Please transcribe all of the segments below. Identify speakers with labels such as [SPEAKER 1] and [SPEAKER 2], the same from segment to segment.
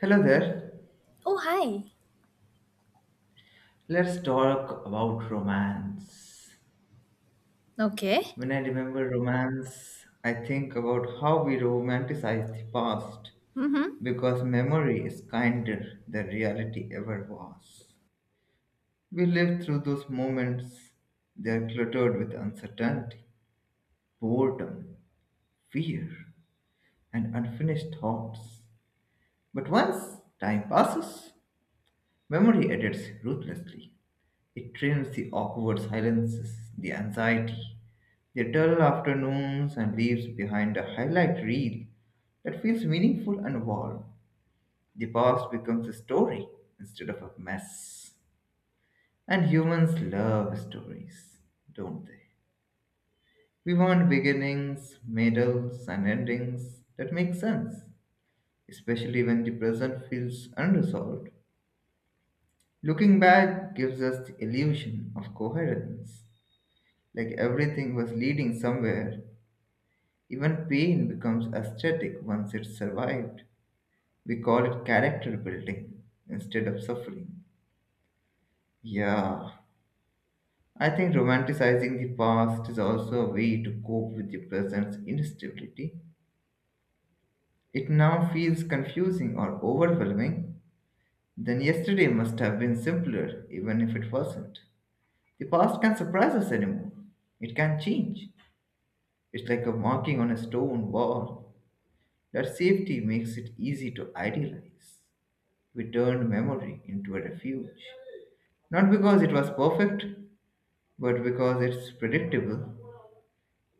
[SPEAKER 1] Hello there.
[SPEAKER 2] Oh, hi.
[SPEAKER 1] Let's talk about romance.
[SPEAKER 2] Okay.
[SPEAKER 1] When I remember romance, I think about how we romanticize the past
[SPEAKER 2] Mm-hmm.
[SPEAKER 1] because memory is kinder than reality ever was. We live through those moments, they are cluttered with uncertainty, boredom, fear, and unfinished thoughts. But once time passes, memory edits ruthlessly. It trims the awkward silences, the anxiety, their dull afternoons and leaves behind a highlight reel that feels meaningful and warm. The past becomes a story instead of a mess. And humans love stories, don't they? We want beginnings, middles, and endings that make sense, especially when the present feels unresolved. Looking back gives us the illusion of coherence, like everything was leading somewhere. Even pain becomes aesthetic once it's survived. We call it character building instead of suffering. Yeah, I think romanticizing the past is also a way to cope with the present's instability. It now feels confusing or overwhelming. Then yesterday must have been simpler, even if it wasn't. The past can surprise us anymore. It can change. It's like a marking on a stone wall. That safety makes it easy to idealize. We turned memory into a refuge. Not because it was perfect, but because it's predictable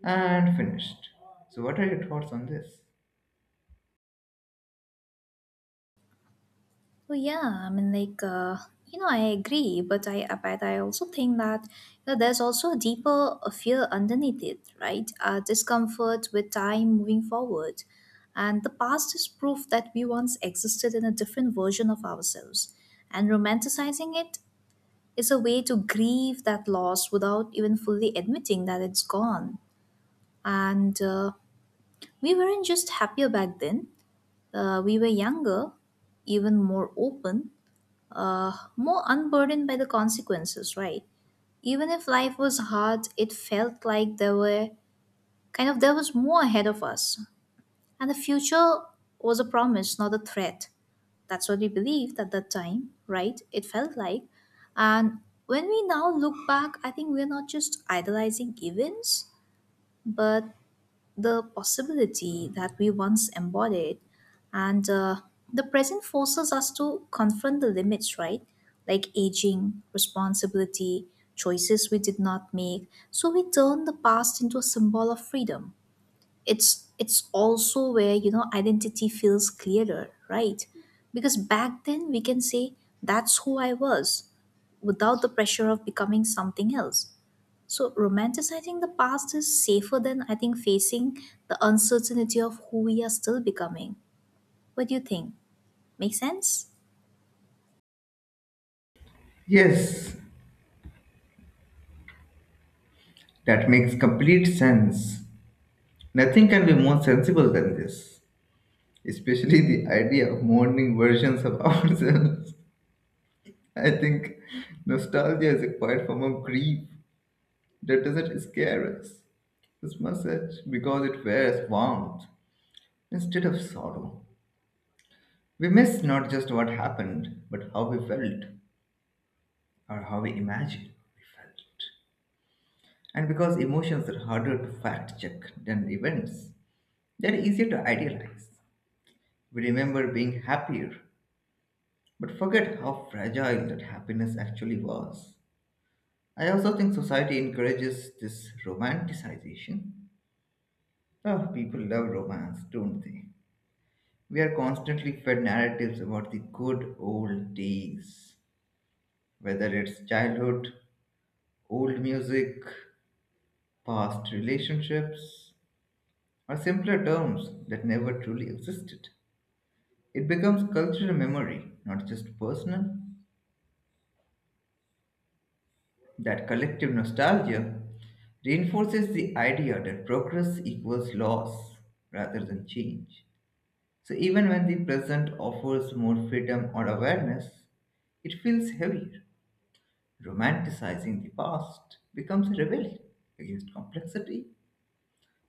[SPEAKER 1] and finished. So, what are your thoughts on this?
[SPEAKER 2] Oh, yeah. I agree, but I also think that there's also a deeper fear underneath it, right? Discomfort with time moving forward, and the past is proof that we once existed in a different version of ourselves, and romanticizing it is a way to grieve that loss without even fully admitting that it's gone. And We weren't just happier back then. We were younger, even more open, more unburdened by the consequences, right? Even if life was hard, it felt like there was more ahead of us, and the future was a promise, not a threat. That's what we believed at that time, right? It felt like, and When we now look back, I think we're not just idolizing events, but the possibility that we once embodied and The present forces us to confront the limits, right? Like aging, responsibility, choices we did not make. So we turn the past into a symbol of freedom. It's also where, identity feels clearer, right? Because back then we can say that's who I was without the pressure of becoming something else. So romanticizing the past is safer than, I think, facing the uncertainty of who we are still becoming. What do you think? Make sense?
[SPEAKER 1] Yes, that makes complete sense. Nothing can be more sensible than this, especially the idea of mourning versions of ourselves. I think nostalgia is a quiet form of grief that doesn't scare us as much as because it wears warmth instead of sorrow. We miss not just what happened, but how we felt or how we imagined we felt. And because emotions are harder to fact check than events, they're easier to idealize. We remember being happier, but forget how fragile that happiness actually was. I also think society encourages this romanticization. Oh, people love romance, don't they? We are constantly fed narratives about the good old days, whether it's childhood, old music, past relationships, or simpler terms that never truly existed. It becomes cultural memory, not just personal. That collective nostalgia reinforces the idea that progress equals loss rather than change. So even when the present offers more freedom or awareness, it feels heavier. Romanticizing the past becomes a rebellion against complexity.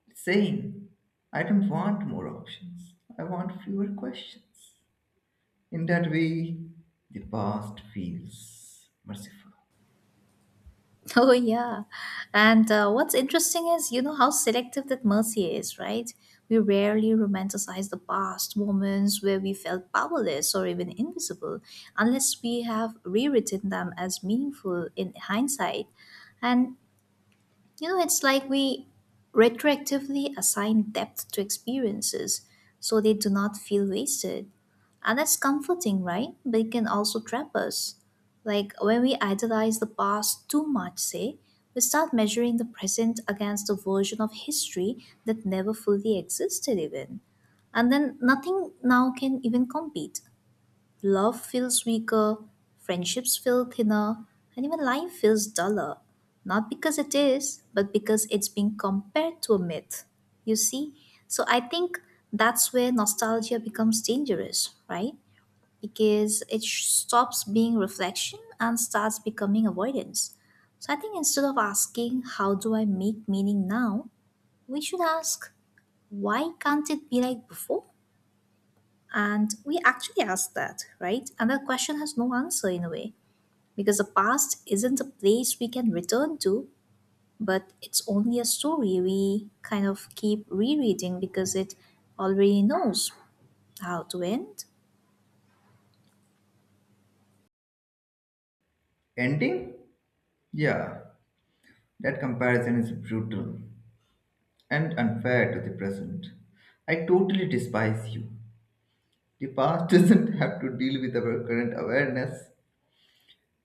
[SPEAKER 1] It's saying, I don't want more options, I want fewer questions. In that way, the past feels merciful.
[SPEAKER 2] Oh yeah. And What's interesting is, how selective that mercy is, right? We rarely romanticize the past moments where we felt powerless or even invisible unless we have rewritten them as meaningful in hindsight. And, you know, it's like we retroactively assign depth to experiences so they do not feel wasted. And that's comforting, right? But it can also trap us. Like, when we idolize the past too much, say, we start measuring the present against a version of history that never fully existed, even. And then nothing now can even compete. Love feels weaker, friendships feel thinner, and even life feels duller. Not because it is, but because it's being compared to a myth. You see? So I think that's where nostalgia becomes dangerous, right? Because it stops being reflection and starts becoming avoidance. So I think instead of asking, how do I make meaning now? We should ask, why can't it be like before? And we actually ask that, right? And that question has no answer, in a way, because the past isn't a place we can return to, but it's only a story we kind of keep rereading because it already knows how to end.
[SPEAKER 1] Ending? Yeah, that comparison is brutal and unfair to the present. I totally despise you. The past doesn't have to deal with our current awareness.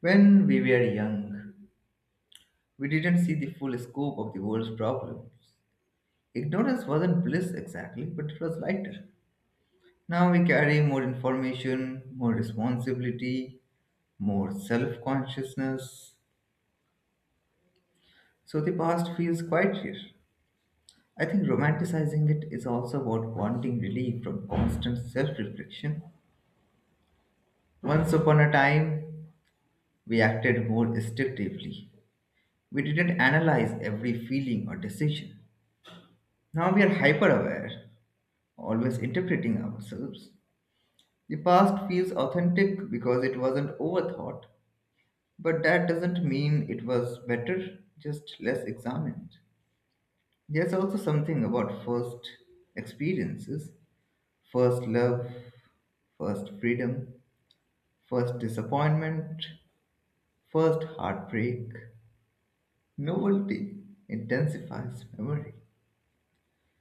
[SPEAKER 1] When we were young, we didn't see the full scope of the world's problems. Ignorance wasn't bliss exactly, but it was lighter. Now we carry more information, more responsibility, more self consciousness. So the past feels quite here. I think romanticizing it is also about wanting relief from constant self reflection. Once upon a time, we acted more instinctively. We didn't analyze every feeling or decision. Now we are hyper aware, always interpreting ourselves. The past feels authentic because it wasn't overthought, but that doesn't mean it was better, just less examined. There's also something about first experiences, first love, first freedom. First disappointment, first heartbreak. Novelty intensifies memory.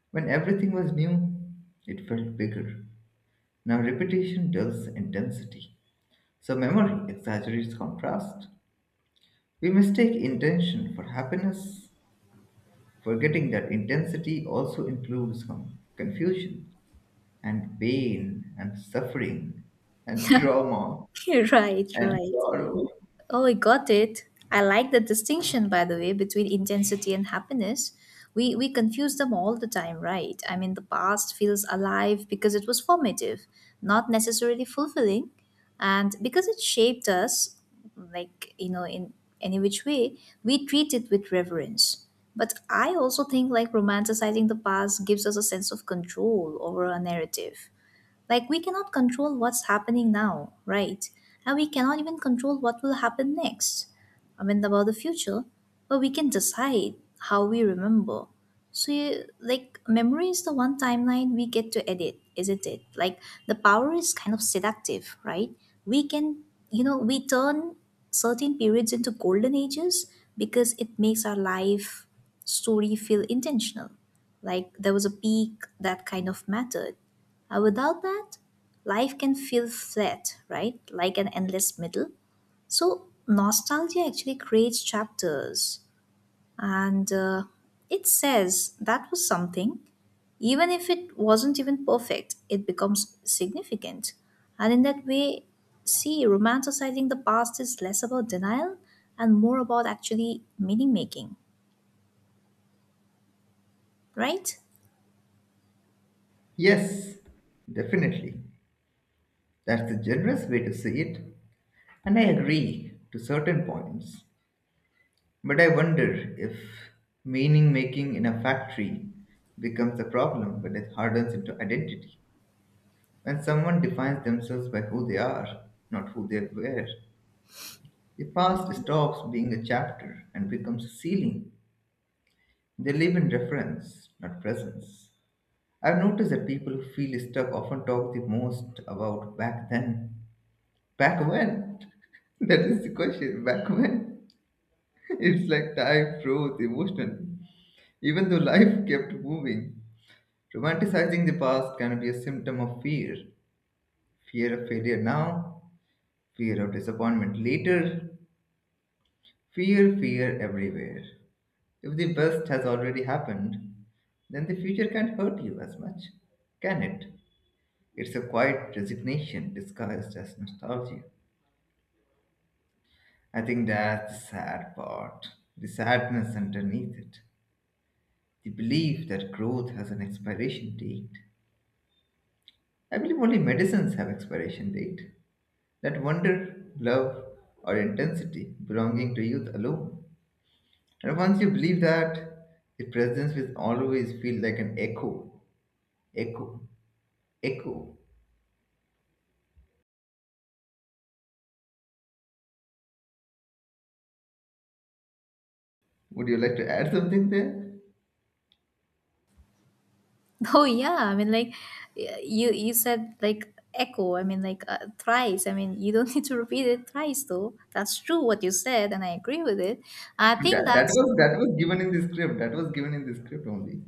[SPEAKER 1] When everything was new, it felt bigger. Now repetition dulls intensity. So memory exaggerates contrast. We mistake intention for happiness, forgetting that intensity also includes confusion and pain and suffering and trauma
[SPEAKER 2] Right,
[SPEAKER 1] and
[SPEAKER 2] right.
[SPEAKER 1] sorrow.
[SPEAKER 2] Oh, I got it. I like the distinction, by the way, between intensity and happiness. We confuse them all the time, right? I mean, the past feels alive because it was formative, not necessarily fulfilling. And because it shaped us, like, you know, in any which way, we treat it with reverence. But I also think, like, romanticizing the past gives us a sense of control over our narrative. Like, we cannot control what's happening now, right? And we cannot even control what will happen next, I mean, about the future, but we can decide how we remember. So, you, like, memory is the one timeline we get to edit, isn't it? Like, the power is kind of seductive, right? We can, you know, we turn certain periods into golden ages because it makes our life story feel intentional, like there was a peak that kind of mattered. Without that, life can feel flat, right? Like an endless middle. So, nostalgia actually creates chapters, and it says that was something. Even if it wasn't even perfect, it becomes significant. And in that way, see, romanticizing the past is less about denial and more about actually meaning making, right?
[SPEAKER 1] Yes, definitely. That's a generous way to see it, and I agree to certain points. But I wonder if meaning making in a factory becomes a problem when it hardens into identity. When someone defines themselves by who they are, not who they were, the past stops being a chapter and becomes a ceiling. They live in reference, not presence. I've noticed that people who feel stuck often talk the most about back then. Back when? That is the question. Back when? It's like time froze emotionally, even though life kept moving. Romanticizing the past can be a symptom of fear. Fear of failure now, fear of disappointment later, fear, fear everywhere. If the best has already happened, then the future can't hurt you as much, can it? It's a quiet resignation disguised as nostalgia. I think that's the sad part, the sadness underneath it, the belief that growth has an expiration date. I believe only medicines have expiration date. That wonder, love, or intensity belonging to youth alone. And once you believe that, the presence will always feel like an echo, echo, echo. Would you like to add something there?
[SPEAKER 2] Oh yeah, you said like echo. Thrice. I mean, you don't need to repeat it thrice though. That's true what you said, and I agree with it. I think
[SPEAKER 1] That
[SPEAKER 2] that's...
[SPEAKER 1] was that was given in the script. That was given in the script only.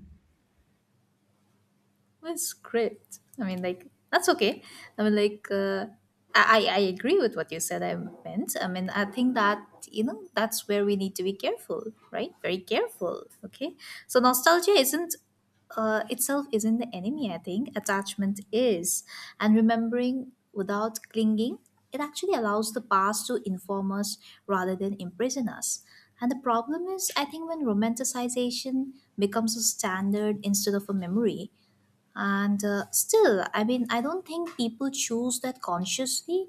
[SPEAKER 2] That's great. I mean, like, that's okay. I mean, like uh, I agree with what you said. I mean, I think that, you know, that's where we need to be careful, right? Very careful. Okay. So nostalgia isn't, itself isn't the enemy. I think attachment is, and remembering without clinging, it actually allows the past to inform us rather than imprison us. And the problem is, I think, when romanticization becomes a standard instead of a memory, and still I mean, I don't think people choose that consciously.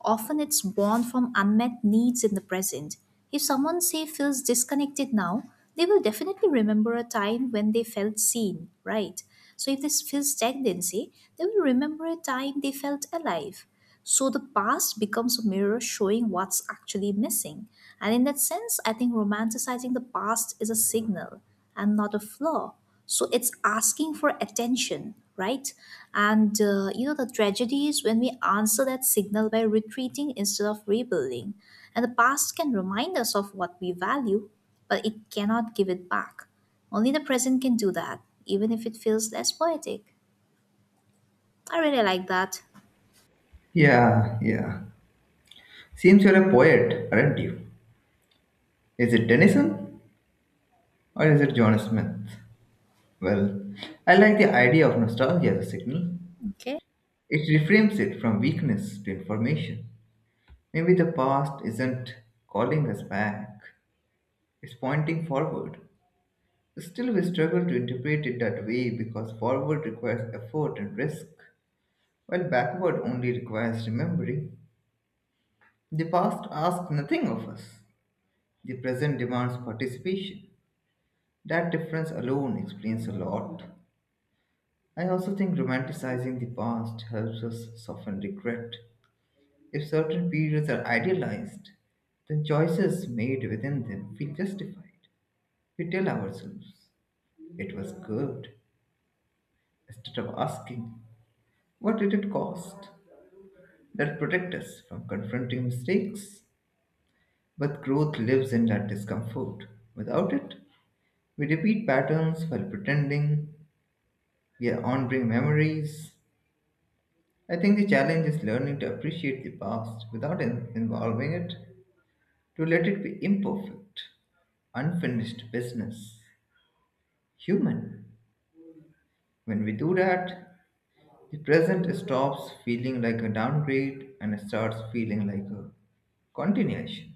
[SPEAKER 2] Often it's born from unmet needs in the present. If someone, say, feels disconnected now, they will definitely remember a time when they felt seen, right? So if this feels stagnancy, they will remember a time they felt alive. So the past becomes a mirror showing what's actually missing. And in that sense, I think romanticizing the past is a signal and not a flaw. So it's asking for attention, right? And The tragedy is when we answer that signal by retreating instead of rebuilding. And the past can remind us of what we value, but it cannot give it back. Only the present can do that, even if it feels less poetic. I really like that.
[SPEAKER 1] Yeah, yeah. Seems you're a poet, aren't you? Is it Tennyson or is it John Smith? Well, I like the idea of nostalgia as a signal.
[SPEAKER 2] Okay.
[SPEAKER 1] It reframes it from weakness to information. Maybe the past isn't calling us back, it's pointing forward. Still, we struggle to interpret it that way because forward requires effort and risk, while backward only requires remembering. The past asks nothing of us, the present demands participation. That difference alone explains a lot. I also think romanticizing the past helps us soften regret. If certain periods are idealized, then choices made within them feel justified. We tell ourselves, it was good, instead of asking, what did it cost? That protect us from confronting mistakes. But growth lives in that discomfort. Without it, we repeat patterns while pretending we are honoring memories. I think the challenge is learning to appreciate the past without involving it to let it be imperfect, unfinished business, human. When we do that, the present stops feeling like a downgrade and starts feeling like a continuation.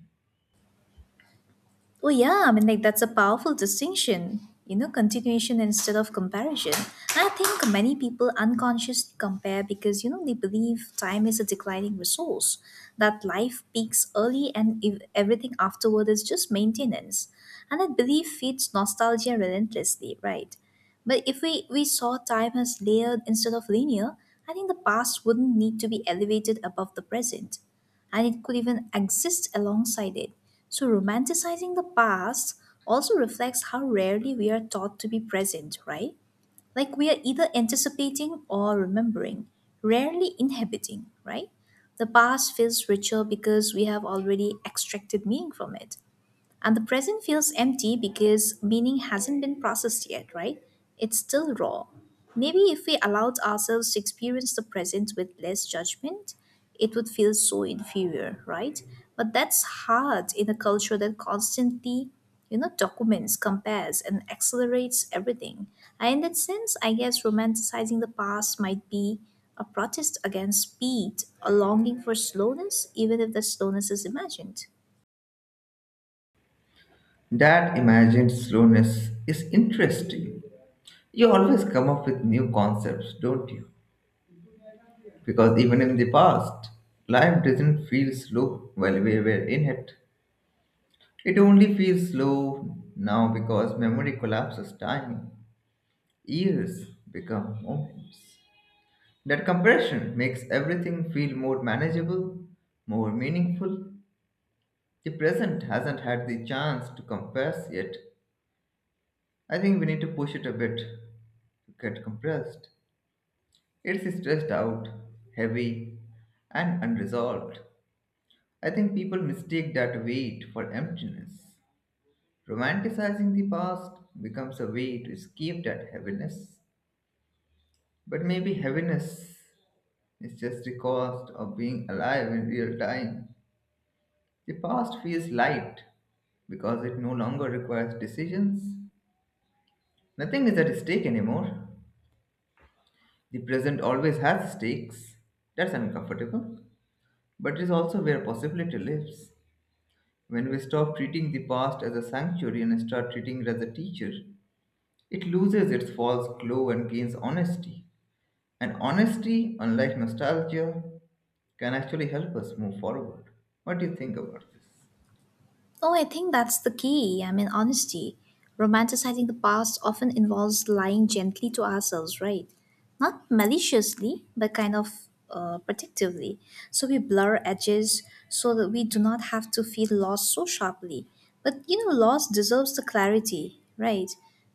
[SPEAKER 2] Well, yeah, I mean, like, that's a powerful distinction, you know, continuation instead of comparison. And I think many people unconsciously compare because, you know, they believe time is a declining resource, that life peaks early and everything afterward is just maintenance. And that belief feeds nostalgia relentlessly, right? But if we saw time as layered instead of linear, I think the past wouldn't need to be elevated above the present, and it could even exist alongside it. So, romanticizing the past also reflects how rarely we are taught to be present, right? Like, we are either anticipating or remembering, rarely inhabiting, right? The past feels richer because we have already extracted meaning from it. And the present feels empty because meaning hasn't been processed yet, right? It's still raw. Maybe if we allowed ourselves to experience the present with less judgment, it would feel so inferior, right? But that's hard in a culture that constantly, you know, documents, compares, and accelerates everything. And in that sense, I guess romanticizing the past might be a protest against speed, a longing for slowness, even if the slowness is imagined.
[SPEAKER 1] That imagined slowness is interesting. You always come up with new concepts, don't you? Because even in the past, life did not feel slow while we were in it. It only feels slow now because memory collapses time. Years become moments. That compression makes everything feel more manageable, more meaningful. The present hasn't had the chance to compress yet. I think we need to push it a bit to get compressed. It's stressed out, heavy, and unresolved. I think people mistake that weight for emptiness. Romanticizing the past becomes a way to escape that heaviness. But maybe heaviness it's just the cost of being alive in real time. The past feels light because it no longer requires decisions. Nothing is at stake anymore. The present always has stakes. That's uncomfortable. But it is also where possibility lives. When we stop treating the past as a sanctuary and start treating it as a teacher, it loses its false glow and gains honesty. And honesty, unlike nostalgia, can actually help us move forward. What do you think about this?
[SPEAKER 2] Oh, I think that's the key. I mean, honesty. Romanticizing the past often involves lying gently to ourselves, right? Not maliciously, but kind of, protectively. So we blur edges so that we do not have to feel lost so sharply. But you know, loss deserves the clarity, right?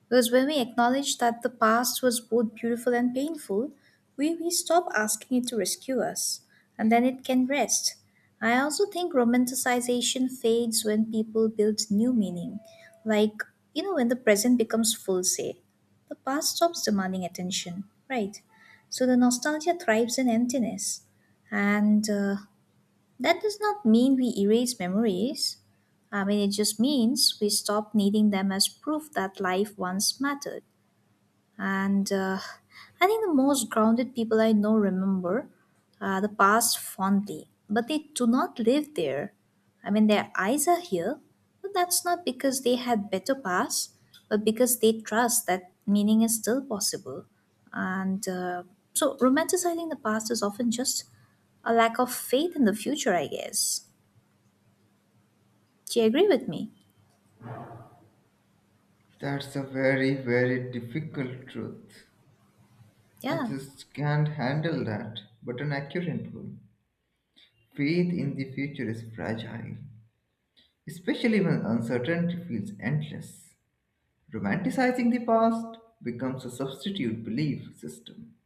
[SPEAKER 2] Because when we acknowledge that the past was both beautiful and painful, we stop asking it to rescue us, and then it can rest. I also think romanticization fades when people build new meaning. Like, you know, when the present becomes full, say, the past stops demanding attention, right? So the nostalgia thrives in emptiness. And That does not mean we erase memories. I mean, it just means we stop needing them as proof that life once mattered, and I think the most grounded people I know remember the past fondly, but they do not live there. I mean, their eyes are here, but that's not because they had better past, but because they trust that meaning is still possible. And So, romanticizing the past is often just a lack of faith in the future, I guess. Do you agree with me?
[SPEAKER 1] That's a very, very difficult truth. I
[SPEAKER 2] Yeah.
[SPEAKER 1] just can't handle that. But an accurate one. Faith in the future is fragile, especially when uncertainty feels endless. Romanticizing the past becomes a substitute belief system.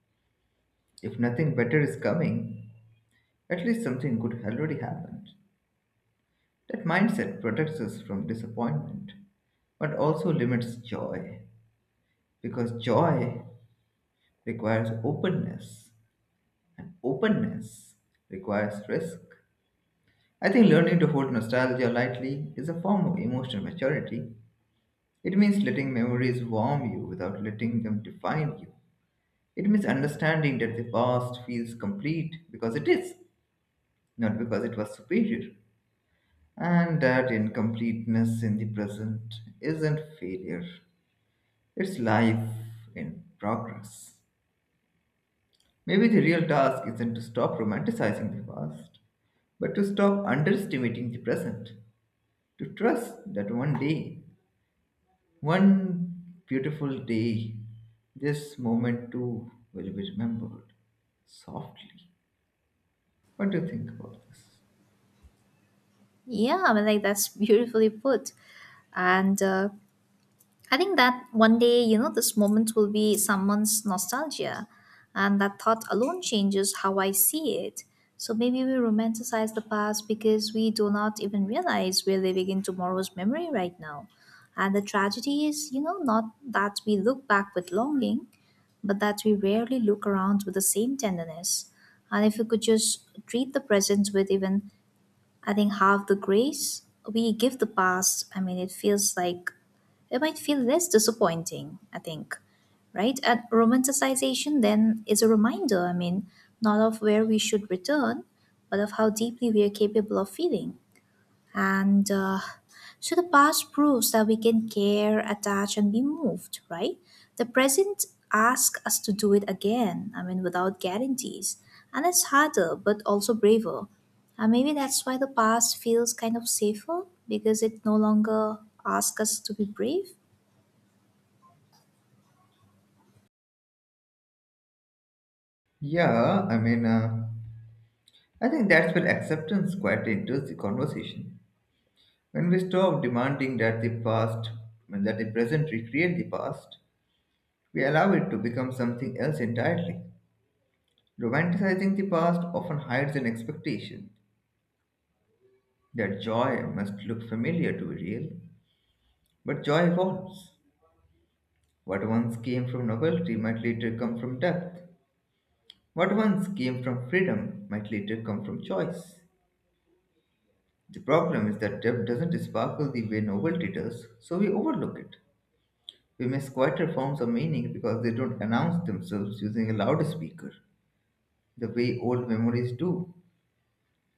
[SPEAKER 1] If nothing better is coming, at least something good already happened. That mindset protects us from disappointment, but also limits joy, because joy requires openness. And openness requires risk. I think learning to hold nostalgia lightly is a form of emotional maturity. It means letting memories warm you without letting them define you. It means understanding that the past feels complete because it is, not because it was superior. And that incompleteness in the present isn't failure, it's life in progress. Maybe the real task isn't to stop romanticizing the past, but to stop underestimating the present, to trust that one day, one beautiful day, this moment too will be remembered softly. What do you think about this?
[SPEAKER 2] Yeah, I mean, like, that's beautifully put. And I think that one day, you know, this moment will be someone's nostalgia, and that thought alone changes how I see it. So maybe we romanticize the past because we do not even realize we're living in tomorrow's memory right now. And the tragedy is, you know, not that we look back with longing, but that we rarely look around with the same tenderness. And if we could just treat the present with even, I think, half the grace we give the past, I mean, it feels like it might feel less disappointing, I think, right? And romanticization then is a reminder, I mean, not of where we should return, but of how deeply we are capable of feeling. And So the past proves that we can care, attach, and be moved, right? The present asks us to do it again, I mean, without guarantees. And it's harder, but also braver. And maybe that's why the past feels kind of safer, because it no longer asks us to be brave.
[SPEAKER 1] Yeah, I mean, I think that's where acceptance quite enters the conversation. When we stop demanding that the present recreate the past, we allow it to become something else entirely. Romanticizing the past often hides an expectation that joy must look familiar to be real. But joy evolves. What once came from novelty might later come from depth. What once came from freedom might later come from choice. The problem is that depth doesn't sparkle the way novelty does, so we overlook it. We miss quieter forms of meaning because they don't announce themselves using a loudspeaker, the way old memories do.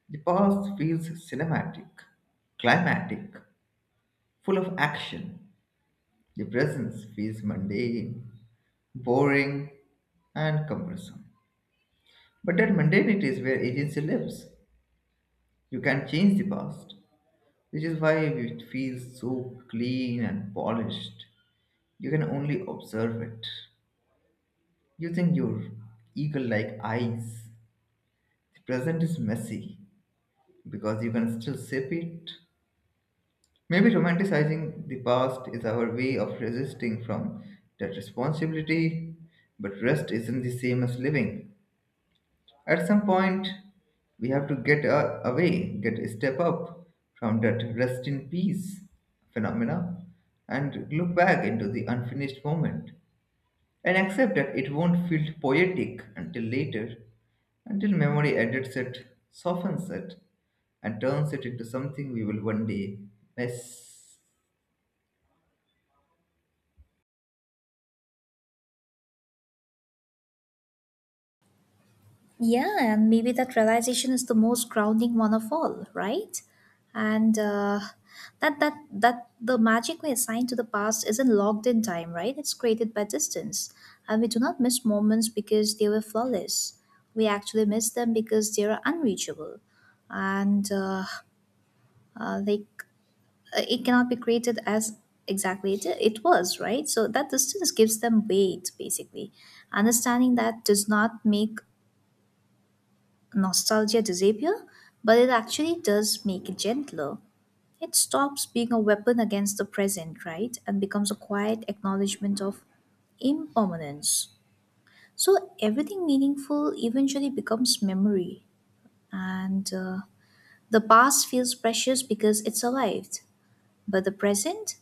[SPEAKER 1] The past feels cinematic, climatic, full of action. The present feels mundane, boring, and cumbersome. But that mundanity is where agency lives. You can change the past, which is why it feels so clean and polished. You can only observe it using your eagle like eyes. The present is messy because you can still sip it. Maybe romanticizing the past is our way of resisting from that responsibility, but rest isn't the same as living. At some point, we have to get a step up from that rest in peace phenomena and look back into the unfinished moment and accept that it won't feel poetic until later, until memory edits it, softens it, and turns it into something we will one day miss.
[SPEAKER 2] Yeah, and maybe that realization is the most grounding one of all, right? And That that the magic we assign to the past isn't locked in time, right? It's created by distance, and we do not miss moments because they were flawless. We actually miss them because they are unreachable, and uh, like it cannot be created as exactly it was, right? So that distance gives them weight, basically. Understanding that does not make nostalgia disappear, but it actually does make it gentler. It stops being a weapon against the present, right? And becomes a quiet acknowledgement of impermanence. So everything meaningful eventually becomes memory, and the past feels precious because it survived, but the present,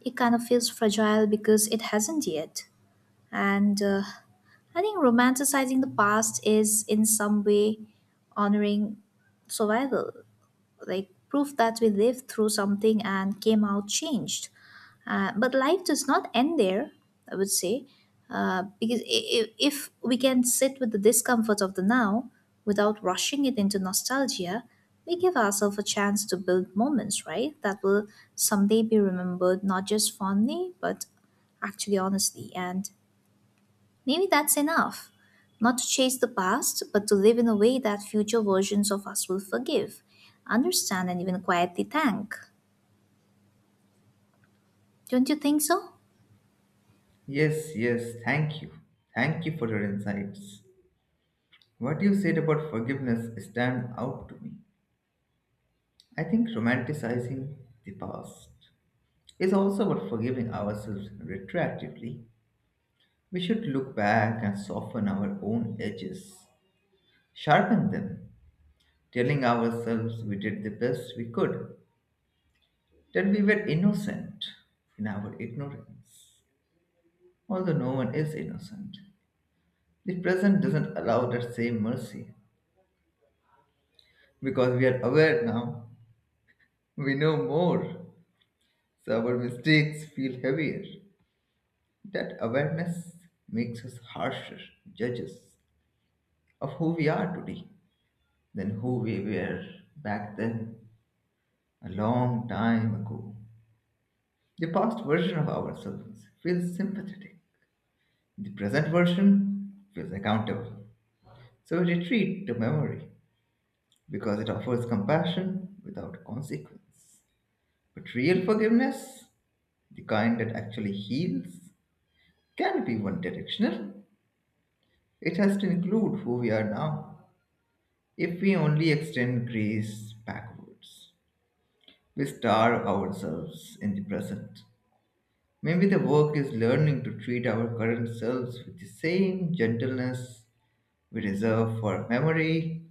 [SPEAKER 2] it kind of feels fragile because it hasn't yet. And I think romanticizing the past is in some way honoring survival, like proof that we lived through something and came out changed. But life does not end there, I would say, because if we can sit with the discomfort of the now without rushing it into nostalgia, we give ourselves a chance to build moments, right? That will someday be remembered not just fondly, but actually honestly. And maybe that's enough. Not to chase the past, but to live in a way that future versions of us will forgive, understand, and even quietly thank. Don't you think so?
[SPEAKER 1] Yes, yes, thank you. Thank you for your insights. What you said about forgiveness stand out to me. I think romanticizing the past is also about forgiving ourselves retroactively. We should look back and soften our own edges, sharpen them, telling ourselves we did the best we could, that we were innocent in our ignorance. Although no one is innocent, the present doesn't allow that same mercy because we are aware now, we know more, so our mistakes feel heavier. That awareness makes us harsher judges of who we are today than who we were back then a long time ago. The past version of ourselves feels sympathetic, the present version feels accountable. So we retreat to memory because it offers compassion without consequence. But real forgiveness, the kind that actually heals, can be one directional. It has to include who we are now. If we only extend grace backwards, we starve ourselves in the present. Maybe the work is learning to treat our current selves with the same gentleness we reserve for memory,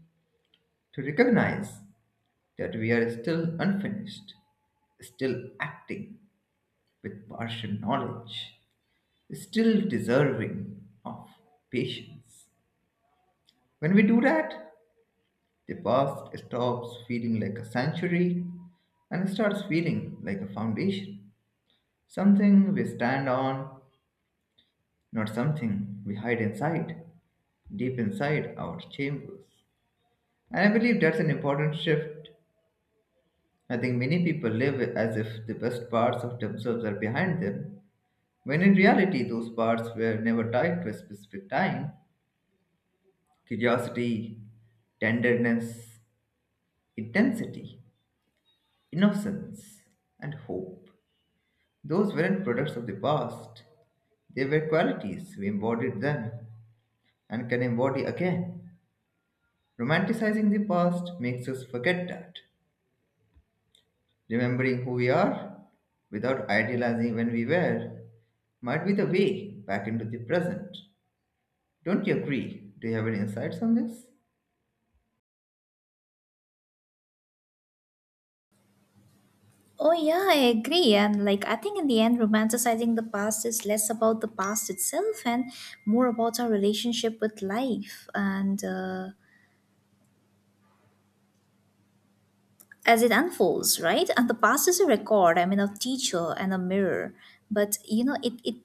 [SPEAKER 1] to recognize that we are still unfinished, still acting with partial knowledge, still deserving of patience. When we do that, the past stops feeling like a sanctuary and starts feeling like a foundation, something we stand on, not something we hide inside, deep inside our chambers. And I believe that's an important shift. I think many people live as if the best parts of themselves are behind them, when in reality, those parts were never tied to a specific time. Curiosity, tenderness, intensity, innocence, and hope. Those weren't products of the past. They were qualities. We embodied them and can embody again. Romanticizing the past makes us forget that. Remembering who we are without idealizing when we were might be the way back into the present. Don't you agree? Do you have any insights on this?
[SPEAKER 2] Oh, yeah, I agree. And like, I think in the end, romanticizing the past is less about the past itself and more about our relationship with life and as it unfolds, right? And the past is a record, I mean, a teacher and a mirror. But, you know, it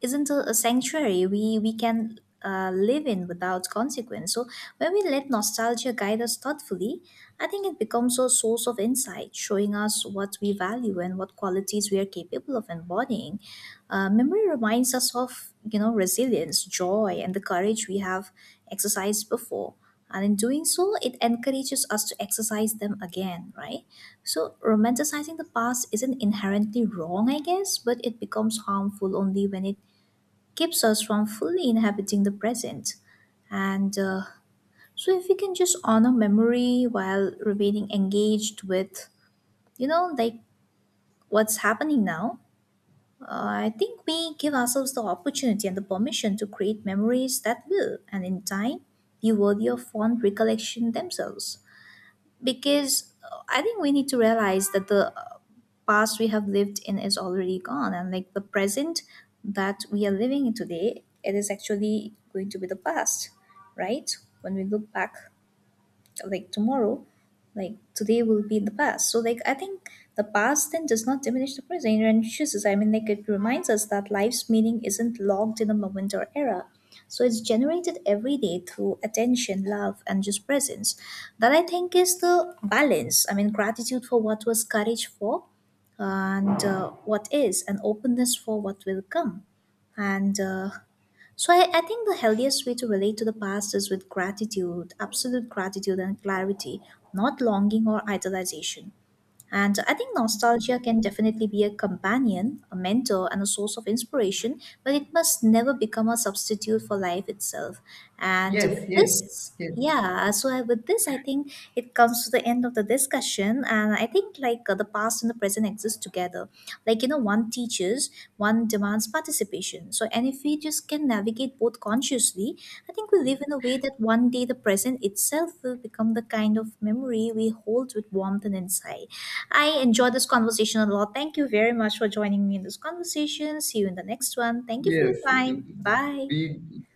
[SPEAKER 2] isn't a sanctuary we can live in without consequence. So when we let nostalgia guide us thoughtfully, I think it becomes a source of insight, showing us what we value and what qualities we are capable of embodying. Memory reminds us of, you know, resilience, joy, and the courage we have exercised before, and in doing so it encourages us to exercise them again, right? So romanticizing the past isn't inherently wrong, I guess, but it becomes harmful only when it keeps us from fully inhabiting the present. And So if we can just honor memory while remaining engaged with, you know, like, what's happening now, I think we give ourselves the opportunity and the permission to create memories that will, and in time, be worthy of fond recollection themselves. Because I think we need to realize that the past we have lived in is already gone, and like the present that we are living in today, it is actually going to be the past, right? When we look back, like tomorrow, like today will be in the past. So like, I think the past then does not diminish the present and chooses, I mean, like, it reminds us that life's meaning isn't locked in a moment or era, so it's generated every day through attention, love, and just presence. That, I think, is the balance, I mean, gratitude for what was, courage for and what is, and openness for what will come. And So I think the healthiest way to relate to the past is with gratitude, absolute gratitude and clarity, not longing or idolization. And I think nostalgia can definitely be a companion, a mentor, and a source of inspiration, but it must never become a substitute for life itself. And with
[SPEAKER 1] Yes, yes,
[SPEAKER 2] this,
[SPEAKER 1] yes,
[SPEAKER 2] yeah, so with this, I think it comes to the end of the discussion. And I think like the past and the present exist together. Like, you know, one teaches features, one demands participation. So, and if we just can navigate both consciously. I think we live in a way that one day the present itself will become the kind of memory we hold with warmth and insight. I enjoyed this conversation a lot. Thank you very much for joining me in this conversation. See you in the next one. Thank you for your
[SPEAKER 1] yes.
[SPEAKER 2] time. Bye.
[SPEAKER 1] We